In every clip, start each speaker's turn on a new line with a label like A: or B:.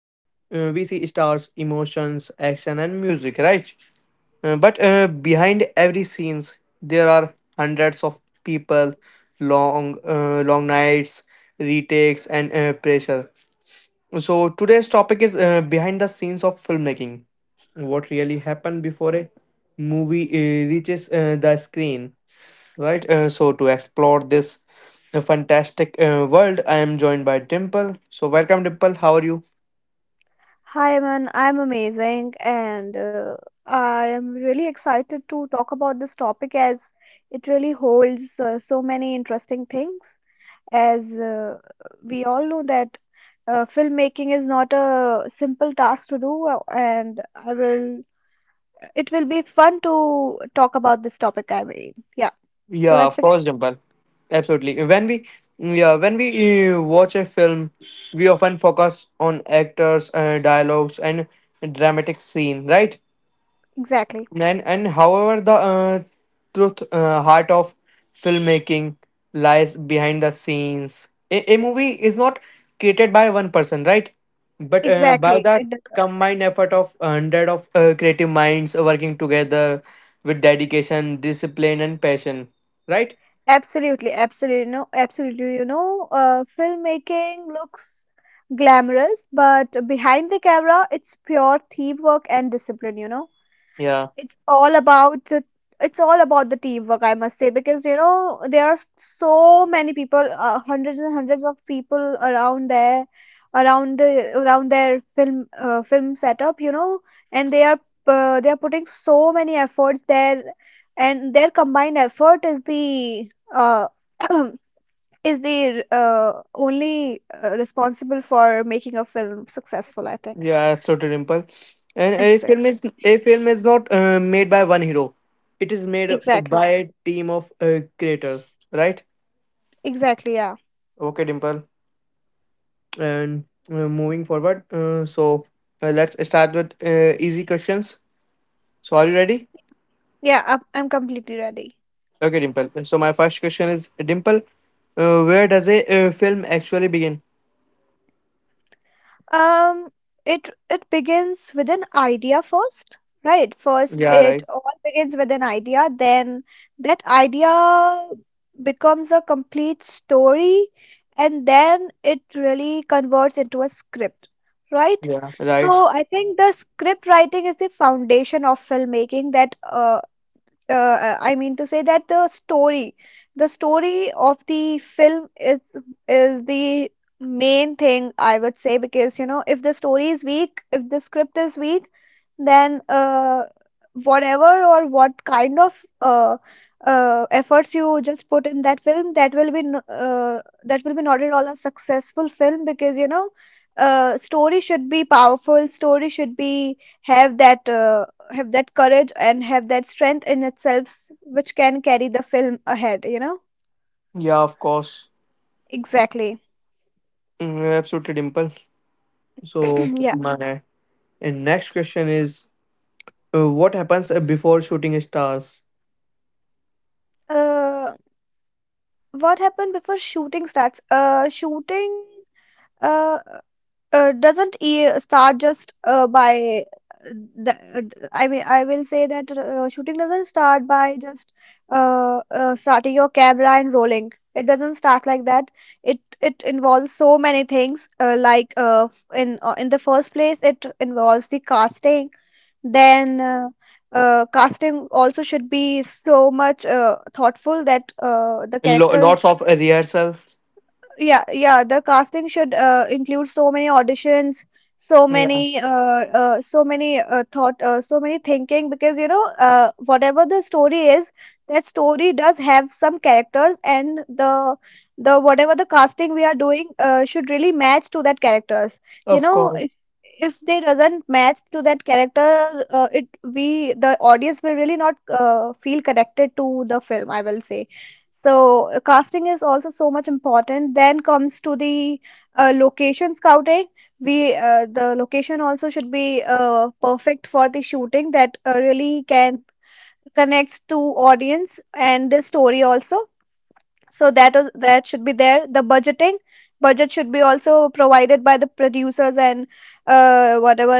A: we see stars, emotions, action, and music, right? But behind every scenes, there are hundreds of people, long, long nights, retakes, and pressure. So today's topic is behind the scenes of filmmaking. What really happened before a movie reaches the screen, right? So to explore this fantastic world, I am joined by Dimple. So welcome, Dimple. How are you?
B: Hi, man. I'm amazing, and I am really excited to talk about this topic as it really holds so many interesting things. As We all know that filmmaking is not a simple task to do, and I will. It will be fun to talk about this topic. I mean, yeah. So
A: Yeah,
B: let's
A: of
B: begin.
A: course, Dimple. Absolutely. When we watch a film, we often focus on actors, dialogues, and dramatic scene, right?
B: Exactly.
A: And however the truth heart of filmmaking lies behind the scenes. A movie is not created by one person, right, but by
B: Exactly.
A: that
B: It
A: combined effort of hundred of creative minds working together with dedication, discipline, and passion, right?
B: Absolutely, absolutely, no, absolutely. You know, filmmaking looks glamorous, but behind the camera, it's pure teamwork and discipline. You know,
A: Yeah,
B: it's all about the it's all about the teamwork, I must say, because you know there are so many people, hundreds and hundreds of people around there, around their film film setup, you know, and they are putting so many efforts there, and their combined effort is the is the only responsible for making a film successful, I think.
A: yeah, absolutely, Dimple. And a
B: Ex-
A: film is a film is not made by one hero. It is made by
B: exactly,
A: a team of creators, right?
B: exactly, yeah.
A: Okay, Dimple. And moving forward, so let's start with easy questions. So are you ready?
B: Yeah, I'm completely ready.
A: Okay, Dimple. So my first question is, Dimple, where does a film actually begin?
B: Um, it begins with an idea first, right? First,
A: Yeah,
B: it
A: right.
B: all begins with an idea. Then that idea becomes a complete story, and then it really converts into a script, right?
A: Yeah, right.
B: So I think the script writing is the foundation of filmmaking that uh, I mean to say that the story, the story of the film is the main thing, I would say, because you know if the story is weak, if the script is weak, then whatever or what kind of efforts you just put in that film, that will be that will be not at all a successful film because you know. Story should be powerful. Story should be have that courage and have that strength in itself, which can carry the film ahead, you know.
A: Yeah, of course.
B: Exactly.
A: Absolutely, Dimple. So
B: Yeah.
A: my next question is, what happens before shooting stars?
B: Uh, what happened before shooting starts shooting uh doesn't start just by uh, I mean, I will say that shooting doesn't start by just starting your camera and rolling. It doesn't start like that. It involves so many things. Like in the first place, it involves the casting. Then casting also should be so much thoughtful that the
A: Lo- lots
B: characters,
A: of rehearsals.
B: yeah, yeah, the casting should include so many auditions, so
A: Yeah,
B: many, so many so many thinking, because you know, whatever the story is, that story does have some characters, and the whatever the casting we are doing should really match to that characters. You
A: of
B: know, if
A: course.
B: they doesn't match to that character, it we the audience will really not feel connected to the film, I will say. So casting is also so much important. Then comes to the location scouting. We the location also should be perfect for the shooting that really can connects to audience and the story also, so that should be there. The budgeting, budget should be also provided by the producers and whatever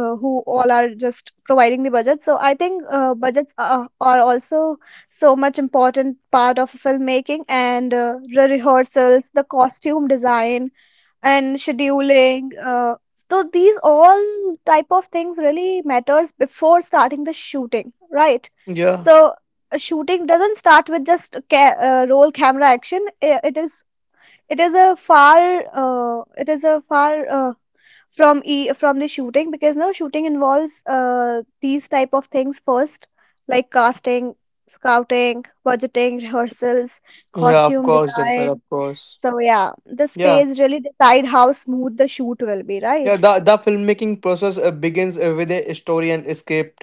B: who all are just providing the budget, so I think budgets are also so much important part of filmmaking, and the rehearsals, the costume design, and scheduling. So these all type of things really matters before starting the shooting, right?
A: Yeah,
B: So a shooting doesn't start with just roll camera action. It is it is a far it is a far uh, from from the shooting, because no shooting involves these type of things first, like casting, scouting, budgeting, rehearsals,
A: yeah, of
B: costume
A: course, Dimple,
B: design.
A: of course.
B: So yeah, this
A: Yeah.
B: phase really decide how smooth the shoot will be,
A: Yeah,
B: right?
A: the filmmaking process begins with a story and script.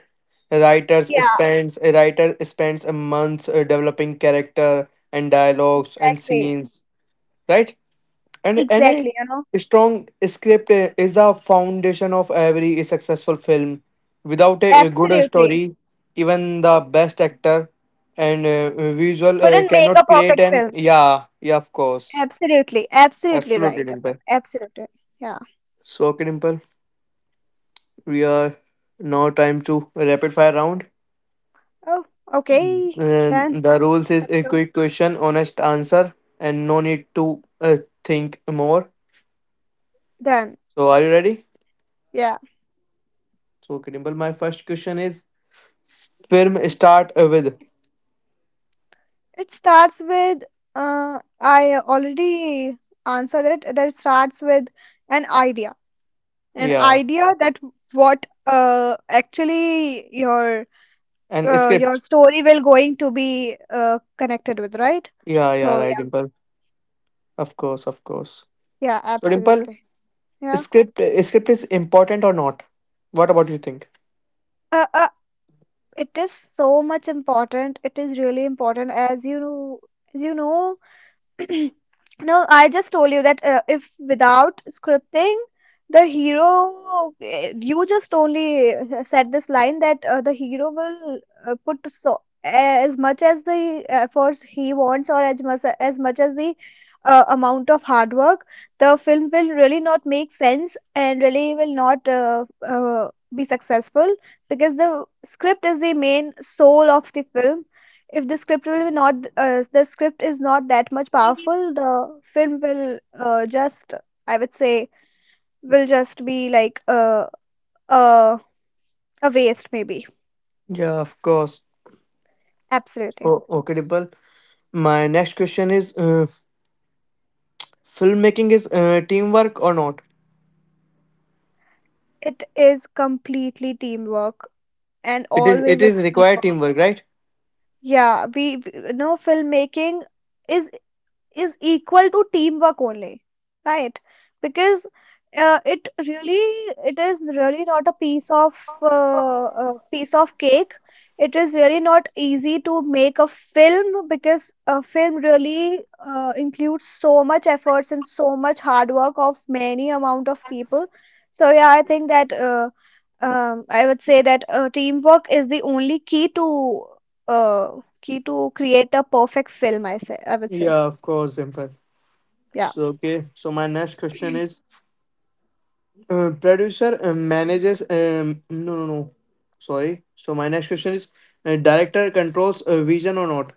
A: Writers
B: Yeah,
A: spends a writer spends a month developing character and dialogues and
B: exactly,
A: scenes, right? And
B: exactly. You know,
A: a strong script is the foundation of every successful film. Without a good
B: absolutely.
A: story, even the best actor and visual
B: Couldn't make
A: cannot
B: a
A: create
B: perfect
A: an
B: film.
A: yeah, yeah, of course,
B: Absolutely, absolutely
A: absolutely,
B: right, Aman.
A: Dimple.
B: Absolutely. Yeah.
A: So okay, Dimple. We are now time to rapid fire round.
B: Oh, okay.
A: And
B: Done.
A: the rules is
B: Let's
A: a
B: go.
A: quick question, honest answer, and no need to think more.
B: Done.
A: So are you ready?
B: Yeah.
A: So Kimball, my first question is, film start with
B: It starts with I already answered it. That starts with an idea. An
A: yeah
B: idea that what actually
A: and
B: your
A: script.
B: story will going to be connected with, right?
A: Yeah, yeah,
B: So
A: right,
B: yeah,
A: Dimple. Of course, of course.
B: yeah,
A: So Dimple,
B: absolutely. Yeah.
A: script is important or not? What about you think?
B: Uh. uh, It is so much important. It is really important. As you know, as you know, no, I just told you that if without scripting, the hero, eh, you just only said this line that the hero will put so as much as the efforts he wants, or as much as the amount of hard work, the film will really not make sense and really will not be successful, because the script is the main soul of the film. If the script will be not the script is not that much powerful, the film will just, I would say, will just be like uh, a waste maybe.
A: Yeah, of course.
B: Absolutely.
A: Oh, okay, Dimple. My next question is, filmmaking is teamwork or not?
B: It is completely teamwork and
A: It is it
B: always a
A: is required
B: teamwork.
A: teamwork, right?
B: Yeah, we no filmmaking is is equal to teamwork only, right? Because it really, it is really not a piece of cake. It is really not easy to make a film, because a film really includes so much efforts and so much hard work of many amount of people. So yeah, I think that I would say that teamwork is the only key to uh, key to create a perfect film. I say, I would say.
A: Yeah, of course, Impact.
B: Yeah.
A: So okay, so my next question is, producer manages. No, no, no. Sorry. So my next question is, director controls vision or not?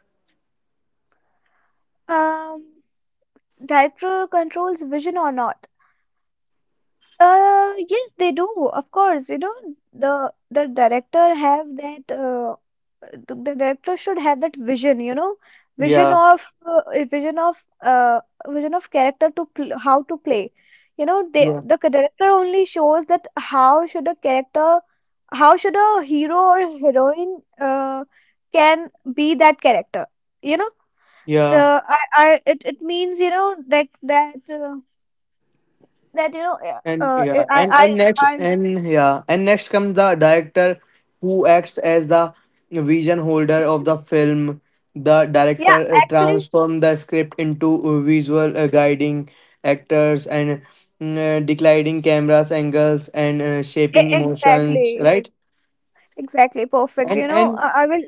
B: Um, director controls vision or not? Yes, they do. Of course, you know, the director have that. The director should have that vision. You know, vision
A: Yeah,
B: of a vision of vision of character to pl how to play. You know, they
A: yeah,
B: the director only shows that how should a character, how should a hero or heroine can be that character. You know,
A: yeah.
B: it means, you know, like that that you know
A: And yeah, and and next
B: I,
A: and yeah, and next comes the director who acts as the vision holder of the film. The
B: yeah,
A: director
B: actually,
A: transform the script into visual, guiding actors and declining cameras angles and shaping emotions,
B: exactly,
A: right?
B: exactly, perfect. You
A: And
B: know,
A: and
B: I will,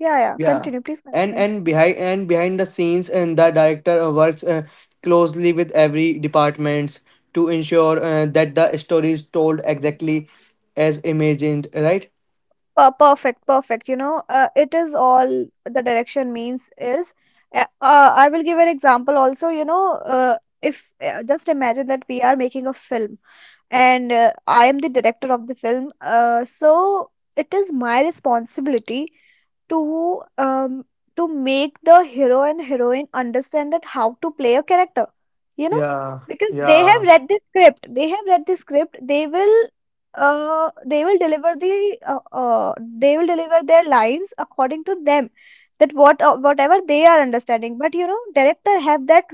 B: yeah, yeah.
A: yeah
B: Continue, please continue.
A: behind the scenes, and the director works closely with every departments to ensure that the story is told exactly as imagined, right?
B: Perfect, perfect. You know, it is all the direction means is. I will give an example also. You know, if just imagine that we are making a film, and I am the director of the film. So it is my responsibility to um to make the hero and heroine understand that how to play a character, you know.
A: Yeah,
B: Because they
A: yeah,
B: have read the script they have read the script they will deliver the uh, uh they will deliver their lines according to them, that what whatever they are understanding. But you know, director have that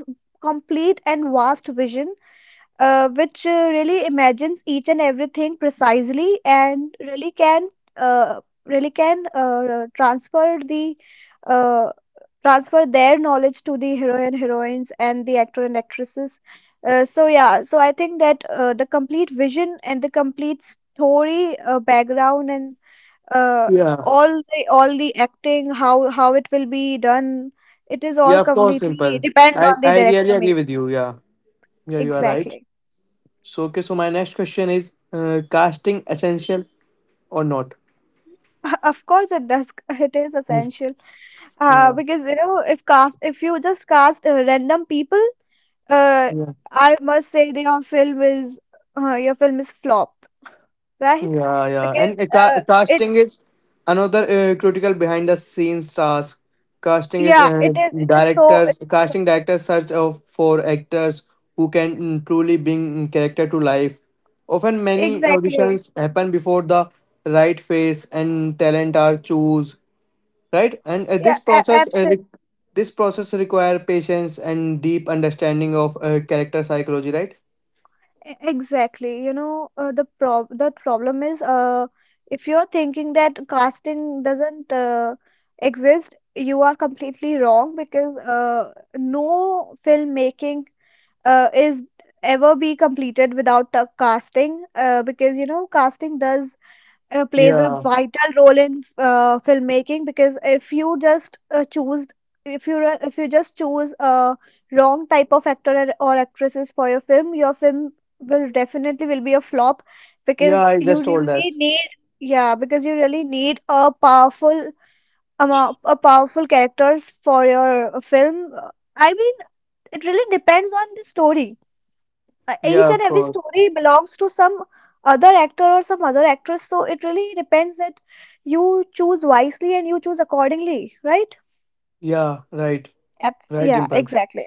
B: complete and vast vision, which really imagines each and everything precisely and really can uh, transfer their knowledge to the hero and heroines and the actor and actresses. So yeah, so I think that the complete vision and the complete story background and uh,
A: yeah,
B: all the acting, how it will be done, it is
A: yeah,
B: all
A: of course, simple.
B: completely depends
A: i
B: on the
A: i really
B: director
A: agree
B: maybe.
A: with you. Yeah, yeah, you are right.
B: Exactly.
A: So okay, so my next question is, casting essential or not?
B: Of course, it does. It is
A: Hmm.
B: essential,
A: Yeah.
B: because you know if cast if you just cast random people, uh, I must say that your film is flopped, right?
A: Yeah, yeah.
B: Because
A: And
B: uh,
A: ca-
B: it
A: casting is another critical behind the scenes task. Casting is,
B: yeah, it is,
A: directors, casting directors search of for actors who can truly bring character to life. Often, many
B: exactly,
A: auditions happen before the right face and talent are choose, right? And this
B: yeah.
A: process,
B: a
A: this process require patience and deep understanding of character psychology, right?
B: E- Exactly. You know, the problem is if you're thinking that casting doesn't exist, you are completely wrong, because no filmmaking is ever be completed without casting, because you know casting does plays a
A: Yeah,
B: vital role in filmmaking, because if you just choose, if you if you just choose a wrong type of actor and- or actresses for your film, your film will definitely will be a flop, because
A: yeah. I
B: you
A: just told
B: really
A: us.
B: need, yeah, because you really need a powerful amount a powerful characters for your film. I mean, it really depends on the story. Uh,
A: Yeah,
B: each and
A: of
B: every
A: course.
B: story belongs to some other actor or some other actress, so it really depends that you choose wisely and you choose accordingly, right?
A: Yeah, right,
B: Yep.
A: right,
B: Yeah,
A: Dimple.
B: exactly.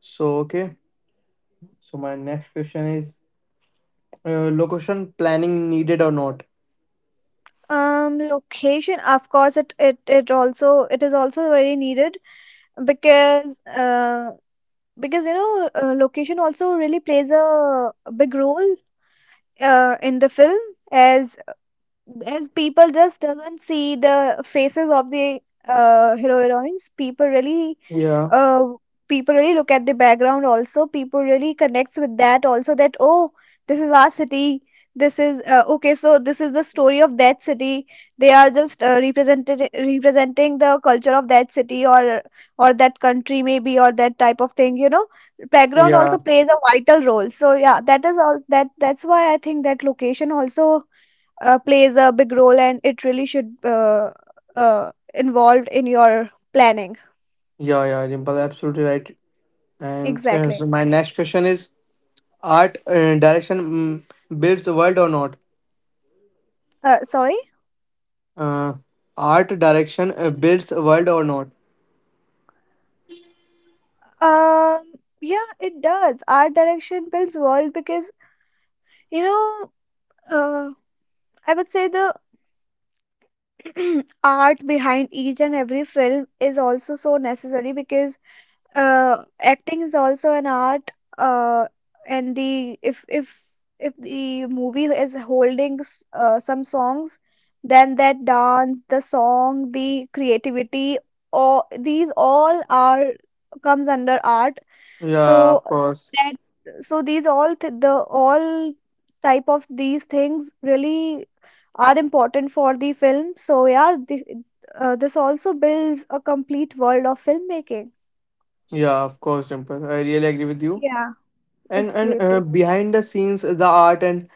A: So, okay. So, my next question is, location planning needed or not?
B: Location, of course, it is also very needed because uh because location also really plays a big role in the film as as people just doesn't see the faces of the hero heroines
A: Yeah,
B: uh, people really look at the background also, people really connects with that also. That, oh, this is our city, this is okay, so this is the story of that city. They are just represented representing the culture of that city or that country, maybe, or that type of thing, you know, background
A: yeah,
B: also plays a vital role. So yeah, that is all, that's why I think that location also plays a big role and it really should involved in your planning.
A: yeah, yeah, Dimple, absolutely right. And
B: Exactly.
A: so, my next question is, art direction builds a world or not?
B: Sorry.
A: Uh, art direction builds a world or not?
B: um yeah, it does, art direction builds world, because you know, uh, I would say the art behind each and every film is also so necessary, because acting is also an art, uh, and the if the movie is holding some songs, then that dance, the song, the creativity, all these all are comes under art. so
A: Yeah, of course.
B: that so these all th the all type of these things really are important for the film. So yeah, the, this also builds a complete world of filmmaking.
A: Yeah, of course, Dimple. I really agree with you.
B: Yeah.
A: And
B: Absolutely.
A: behind the scenes, the art and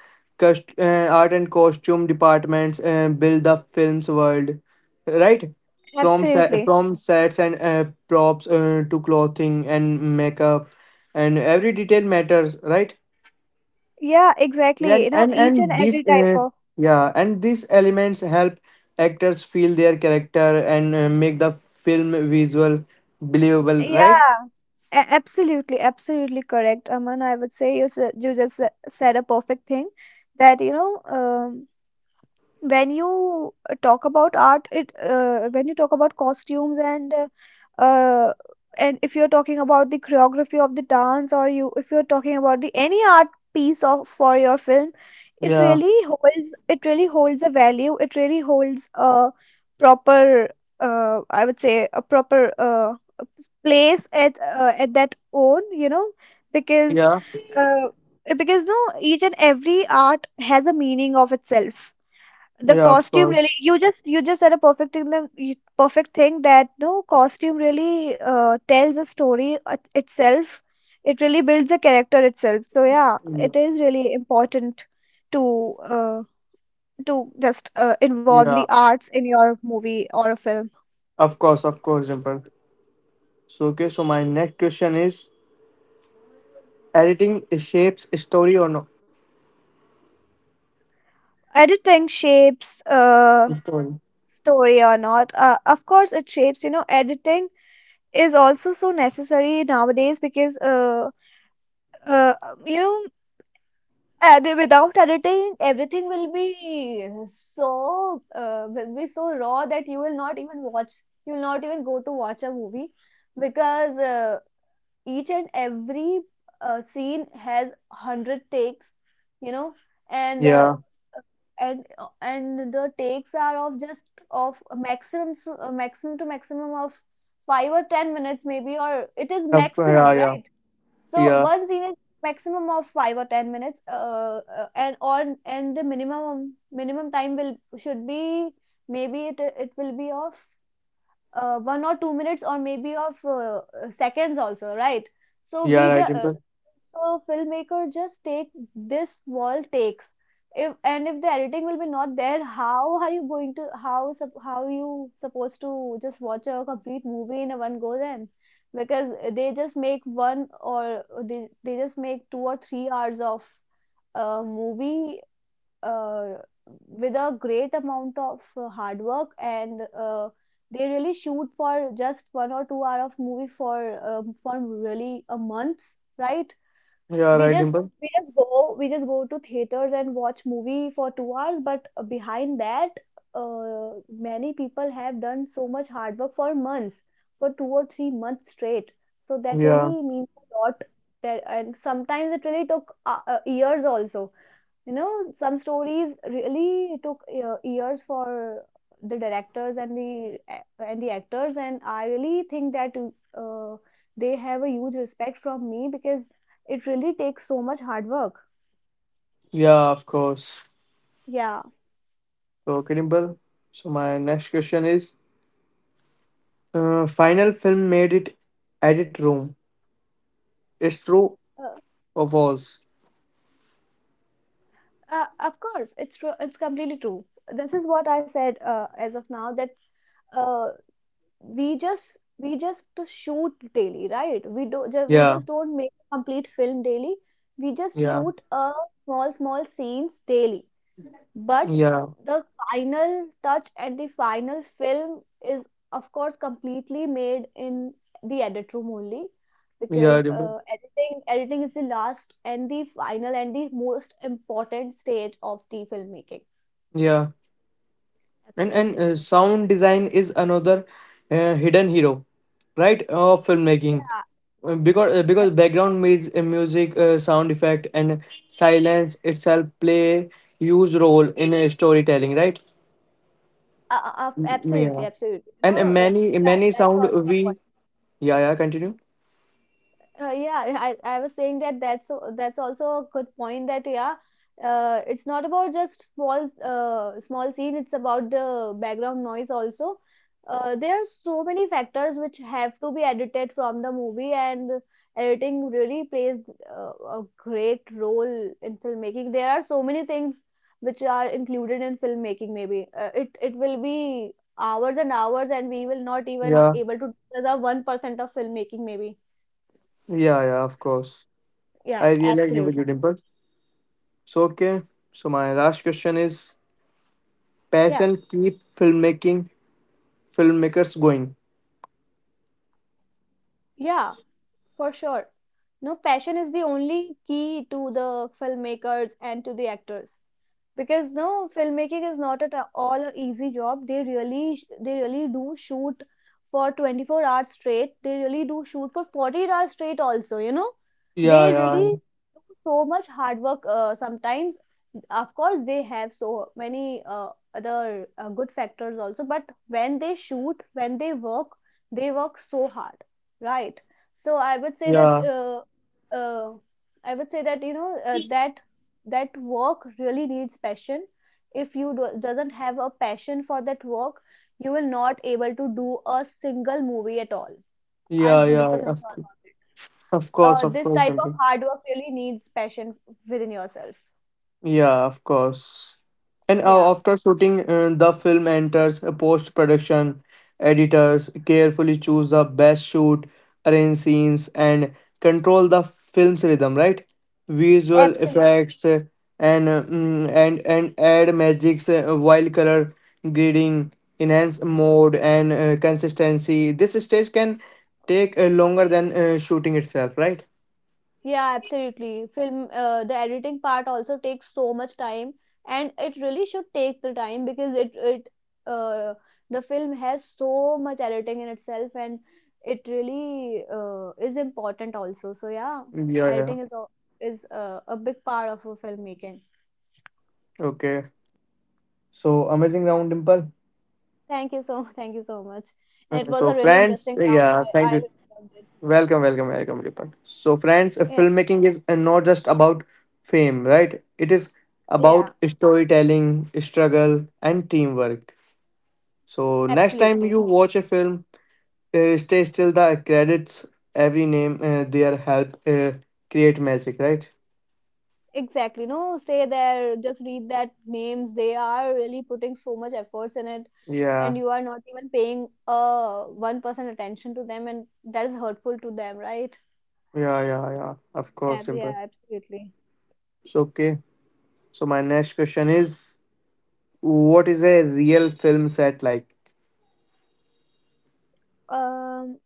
A: art and costume departments build the film's world, right, from
B: Absolutely.
A: from sets and props to clothing and makeup, and every detail matters, right?
B: Yeah,
A: yeah
B: exactly. You know, each
A: and
B: and
A: these
B: every type of
A: yeah and these elements help actors feel their character and make the film visual believable, right?
B: yeah. A absolutely, absolutely correct, Aman. I would say you just said a perfect thing, that you know when you talk about art, it when you talk about costumes, uh, and if you're talking about the choreography of the dance, or you if you're talking about the any art piece of for your film, it
A: Yeah,
B: really holds, it really holds a value, it really holds a proper I would say a proper place at that own, you know, because
A: yeah,
B: uh, because no, each and every art has a meaning of itself. The
A: yeah, of
B: costume
A: course.
B: really, you just, you just said a perfect thing that- you- perfect thing that no, costume really tells a story it- itself. It really builds a character itself. So yeah,
A: Yeah,
B: it is really important to uh, to just involve
A: yeah.
B: the arts in your movie or a film.
A: Of course, Dimple. So okay, so my next question is, editing shapes story or no?
B: Editing shapes
A: Story.
B: story or not? Of course it shapes, you know, editing is also so necessary nowadays, because uh, you know, and without editing, everything will be will be so raw that you will not even watch. You will not even go to watch a movie, because each and every scene has hundred takes, you know, and
A: Yeah.
B: and the takes are of just of a maximum a maximum to maximum of 5 or 10 minutes maybe, or it is
A: Of course,
B: maximum,
A: yeah, yeah.
B: right? So
A: Yeah.
B: one scene is maximum of 5 or 10 minutes, and on and the minimum time will should be maybe it it will be of 1 or 2 minutes, or maybe of seconds also, right? So
A: Yeah,
B: we
A: right,
B: just uh,
A: Dimple.
B: so filmmaker just take this wall takes. If and if the editing will be not there, how are you going to, how you supposed to just watch a complete movie in a one go then? Because they just make one or they just make 2 or 3 hours of movie uh, with a great amount of hard work, and they really shoot for just 1 or 2 hour of movie for really a month, right?
A: Yeah,
B: We
A: right,
B: just,
A: Dimple.
B: we just go to theaters and watch movie for 2 hours, but behind that many people have done so much hard work for months, for 2 or 3 months straight. So that
A: Yeah.
B: really means a lot. That and sometimes it really took years also, you know, some stories really took years for the directors and and the actors, and I really think that uh, they have a huge respect from me, because it really takes so much hard work.
A: Yeah, of course.
B: Yeah,
A: So, okay, Dimple. So my next question is, final film made it edit room. It's true
B: uh,
A: or false?
B: of course, it's true. It's completely true. This is what I said as of now that uh, we just, we just to shoot daily, right? We do ju we
A: Yeah.
B: just don't make a complete film daily. We just
A: Yeah.
B: shoot a small small scenes daily. But
A: Yeah.
B: the final touch and the final film is, of course, completely made in the edit room only,
A: Yeah,
B: because
A: Dimple.
B: editing is the last and the final and the most important stage of the filmmaking.
A: Yeah. and and
B: Absolutely.
A: uh, sound design is another hidden hero, right, of filmmaking.
B: Yeah,
A: Because because
B: abs-
A: background music, sound effect, and silence itself play huge role in storytelling, right? Yeah.
B: absolutely. You
A: And uh,
B: know,
A: many
B: yeah,
A: many
B: that's
A: sound
B: also a point.
A: we yeah, yeah, continue.
B: Yeah, I was saying that that's also a good point, that yeah, it's not about just small small scene. It's about the background noise also. There are so many factors which have to be edited from the movie, and editing really plays a great role in filmmaking. There are so many things which are included in filmmaking. Maybe it will be hours and hours, and we will not even
A: Yeah,
B: able to discuss a 1% of filmmaking. Maybe
A: yeah, yeah, of course.
B: yeah,
A: I really agree with
B: absolutely.
A: you, Dimple. So okay, so my last question is,
B: Yeah,
A: passion keep filmmaking, filmmakers going?
B: yeah, for sure. No, passion is the only key to the filmmakers and to the actors. Because no, filmmaking is not at all a easy job. They they really do shoot for 24 hours straight, they really do shoot for 40 hours straight also, you know, they
A: Yeah,
B: really
A: yeah,
B: do so much hard work. Sometimes of course they have so many other good factors also, but when they shoot, when they work, they work so hard, right? So I would say that
A: yeah.
B: uh, I would say that you know, that that work really needs passion. If you doesn't have a passion for that work, you will not able to do a single movie at all. I'm
A: Yeah, yeah,
B: 100% sure about it.
A: of course, of
B: This
A: course,
B: type of
A: Dimple.
B: hard work really needs passion within yourself.
A: Yeah, of course. And
B: Yeah,
A: after shooting, the film enters a post production. Editors carefully choose the best shoot, arrange scenes, and control the film's rhythm, right? Visual
B: absolutely.
A: effects and mm, and add magics, wild color grading, enhance mode and consistency. This stage can take longer than shooting itself, right?
B: Yeah, absolutely. Film, the editing part also takes so much time, and it really should take the time, because it uh, the film has so much editing in itself, and it really is important also. So yeah,
A: Yeah, yeah, yeah.
B: editing is a big part of a filmmaking.
A: Okay. So amazing round, Dimple.
B: Thank you so thank you so much. And it was
A: So,
B: a really
A: friends,
B: interesting round.
A: yeah,
B: I
A: thank
B: I
A: you.
B: really loved it.
A: Welcome, welcome, welcome, Deepak. So, friends,
B: Yeah,
A: filmmaking is not just about fame, right? It is about
B: yeah,
A: storytelling, struggle, and teamwork. So, next
B: absolutely.
A: time you watch a film, stay still the credits, every name, their help create magic, right?
B: Exactly, no, stay there, just read that names. They are really putting so much efforts in it, and
A: Yeah,
B: you are not even paying 1% attention to them, and that is hurtful to them, right?
A: yeah, yeah, yeah. Of course, simple.
B: Yeah, absolutely.
A: So, okay. So, my next question is, what is a real film set like?
B: Um,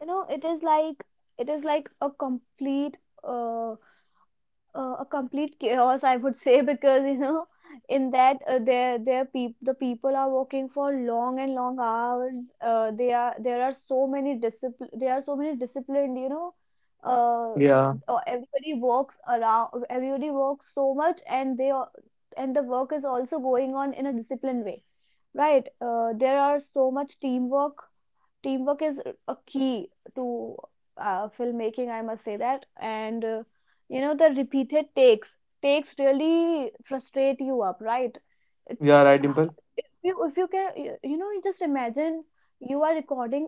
B: you know, it is like, it is like uh a complete chaos, I would say, because you know in that the people are working for long and long hours. They are there are so many discipline, there are so many disciplined, you know, uh,
A: Yeah,
B: everybody works around, everybody works so much, and the work is also going on in a disciplined way, right? There are so much teamwork. Teamwork is a key to filmmaking, I must say that. And you know, the repeated takes really frustrate you up, right? It-
A: yeah, right, Dimple.
B: if you if you can, you know, you just imagine you are recording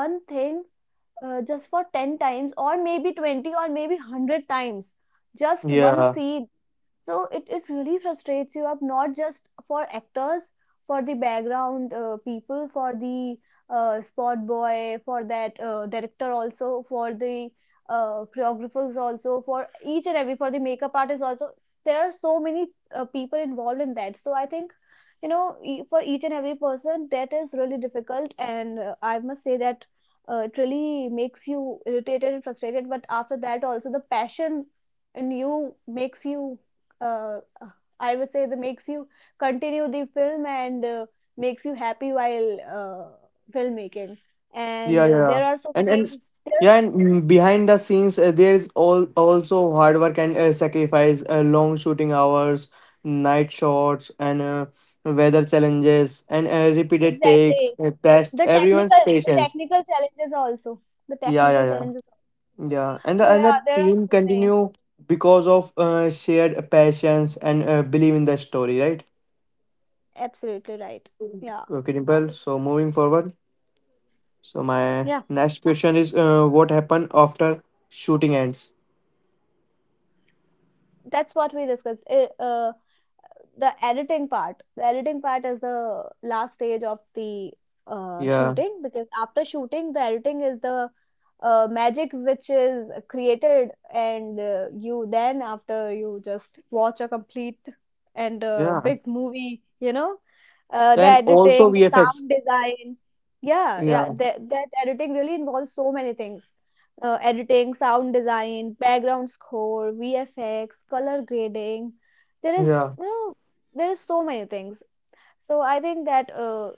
B: one thing, just for 10 times, or maybe 20, or maybe 100 times, just one
A: Yeah,
B: scene. So it really frustrates you up, not just for actors, for the background people, for the spot boy, for that director also, for the choreographers also, for each and every, for the makeup artist also. There are so many people involved in that. So I think, you know, for each and every person that is really difficult, and I must say that it really makes you irritated and frustrated, but after that also the passion in you makes you uh, uh, I would say that makes you continue the film, and makes you happy while filmmaking, and
A: yeah, yeah,
B: there are so
A: and
B: many there
A: yeah, and, behind the scenes, there is all also hard work and sacrifice, long shooting hours, night shots, and weather challenges, and repeated takes,
B: exactly.
A: test
B: the
A: everyone's
B: technical the
A: patience.
B: technical challenges also, the
A: Yeah,
B: technical
A: yeah, yeah,
B: challenges,
A: yeah,
B: so
A: and
B: yeah,
A: the
B: there are
A: team
B: so many,
A: continue because of shared passions and believe in the story, right?
B: absolutely right. Yeah.
A: Okay, Dimple. So moving forward. So my
B: Yeah,
A: next question is, what happened after shooting ends?
B: that's what we discussed. The editing part is the last stage of the
A: Yeah,
B: shooting, because after shooting the editing is the magic which is created, and you then after you just watch a complete and
A: yeah.
B: big movie, you know, the
A: Then also
B: editing, the
A: VFX.
B: sound design. Yeah, yeah,
A: Yeah,
B: that editing really involves so many things, editing, sound design, background score, vfx, color grading. There is
A: yeah,
B: no, there is so many things. So I think that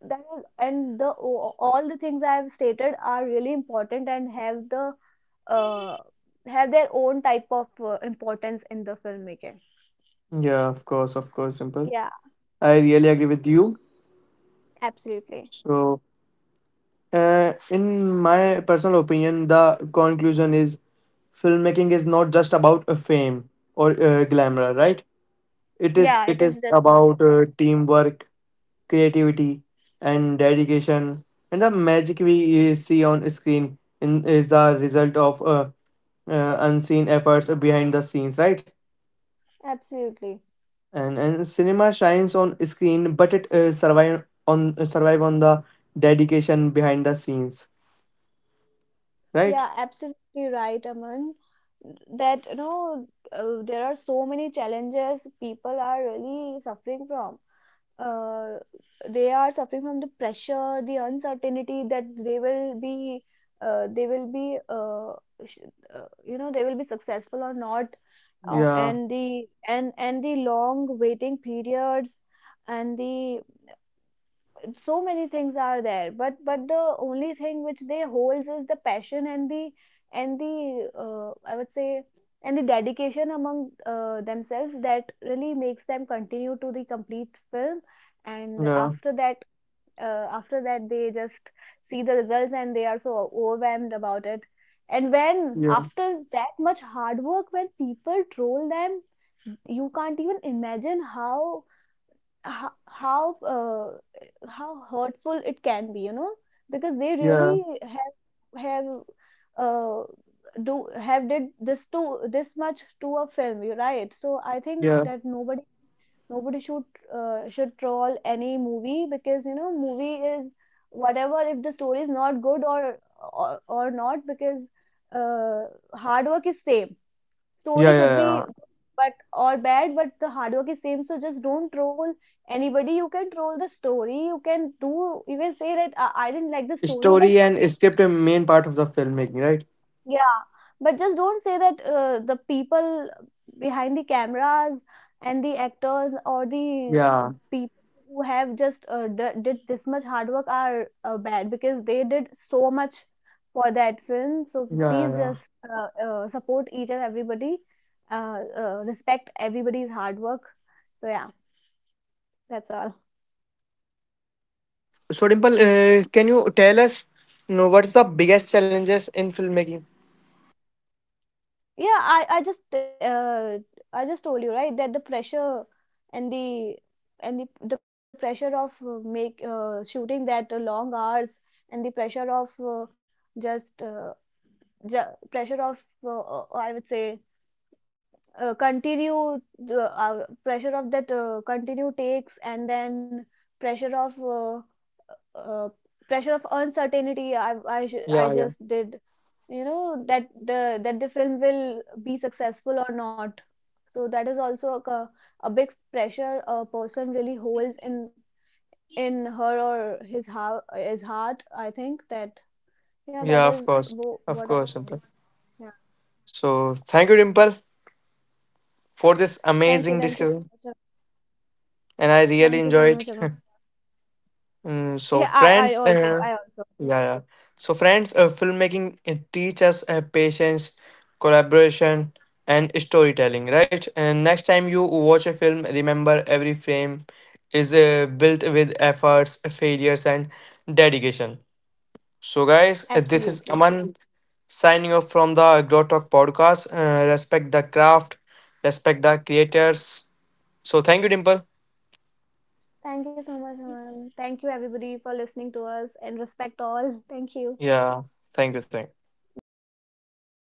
B: that is, and the all the things I have stated are really important and have the uh, have their own type of importance in the filmmaking.
A: yeah. Of course, of course, simple.
B: Yeah,
A: I really agree with you.
B: absolutely.
A: So, in my personal opinion, the conclusion is, filmmaking is not just about a fame or glamour, right? It is.
B: Yeah, it
A: It
B: is
A: is
B: just not
A: about
B: about.
A: teamwork, creativity, and dedication. And the magic we see on screen in, is the result of unseen efforts behind the scenes, right?
B: Absolutely.
A: And cinema shines on screen, but it survive on the dedication behind the scenes, right?
B: Yeah, absolutely right, Aman. That you know, there are so many challenges people are really suffering from. uh, they are suffering from the pressure, the uncertainty that they will be, uh, they will be, uh, you know, they will be successful or not,
A: Yeah,
B: and the long waiting periods, and the so many things are there, but the only thing which they holds is the passion, and the I would say, and the dedication among themselves, that really makes them continue to the complete film. And
A: yeah,
B: after that they just see the results, and they are so overwhelmed about it. And when
A: yeah,
B: after that much hard work, when people troll them, you can't even imagine how hurtful it can be, you know, because they
A: yeah,
B: really have uh, do have did this to this much to a film, you right? So I think
A: yeah,
B: that nobody, nobody should troll any movie, because you know movie is, whatever, if the story is not good or or not, because uh, hard work is same.
A: yeah,
B: Story
A: yeah,
B: could be
A: yeah.
B: good but or bad, but the hard work is same. So just don't troll anybody. You can troll the story, you can do, you can say that I didn't like the story, but
A: Story and script are main part of the filmmaking, right?
B: yeah, but just don't say that the people behind the cameras and the actors or the
A: Yeah,
B: people who have just did this much hard work are bad, because they did so much for that film. So
A: yeah, yeah,
B: please
A: yeah.
B: just support each and everybody, respect everybody's hard work. So yeah, that's all.
A: So Dimple, can you tell us, you know, what's the biggest challenges in filmmaking?
B: Yeah, I just told you right, that the pressure and the pressure of make shooting that long hours, and the pressure of just uh, pressure of uh, I would say continue the pressure of that continue takes, and then pressure of uh, uh, pressure of uncertainty. I
A: Yeah,
B: just
A: yeah,
B: did, you know, that the film will be successful or not. So that is also a big pressure a person really holds in her or his how his heart. I think that yeah, that is
A: yeah.
B: what I
A: Of
B: think.
A: course, Dimple.
B: Yeah.
A: So thank you, Dimple, for this
B: Thank you. Thank you so
A: amazing
B: much, Aman.
A: discussion, and
B: Thank
A: I
B: you so
A: really
B: much, Aman.
A: enjoyed it.
B: Yeah,
A: So friends,
B: I also
A: yeah, yeah. So friends, filmmaking teach us patience, collaboration, and storytelling, right? And next time you watch a film, remember every frame is built with efforts, failures, and dedication. So, guys,
B: absolutely.
A: this is Aman signing off from the Agro Talk podcast. Respect the craft, respect the creators. So, thank you, Dimple.
B: Thank you so much, Aman. Thank you everybody for listening to us, and respect all. Thank you.
A: Yeah, thank you, thank you.
B: Bye bye.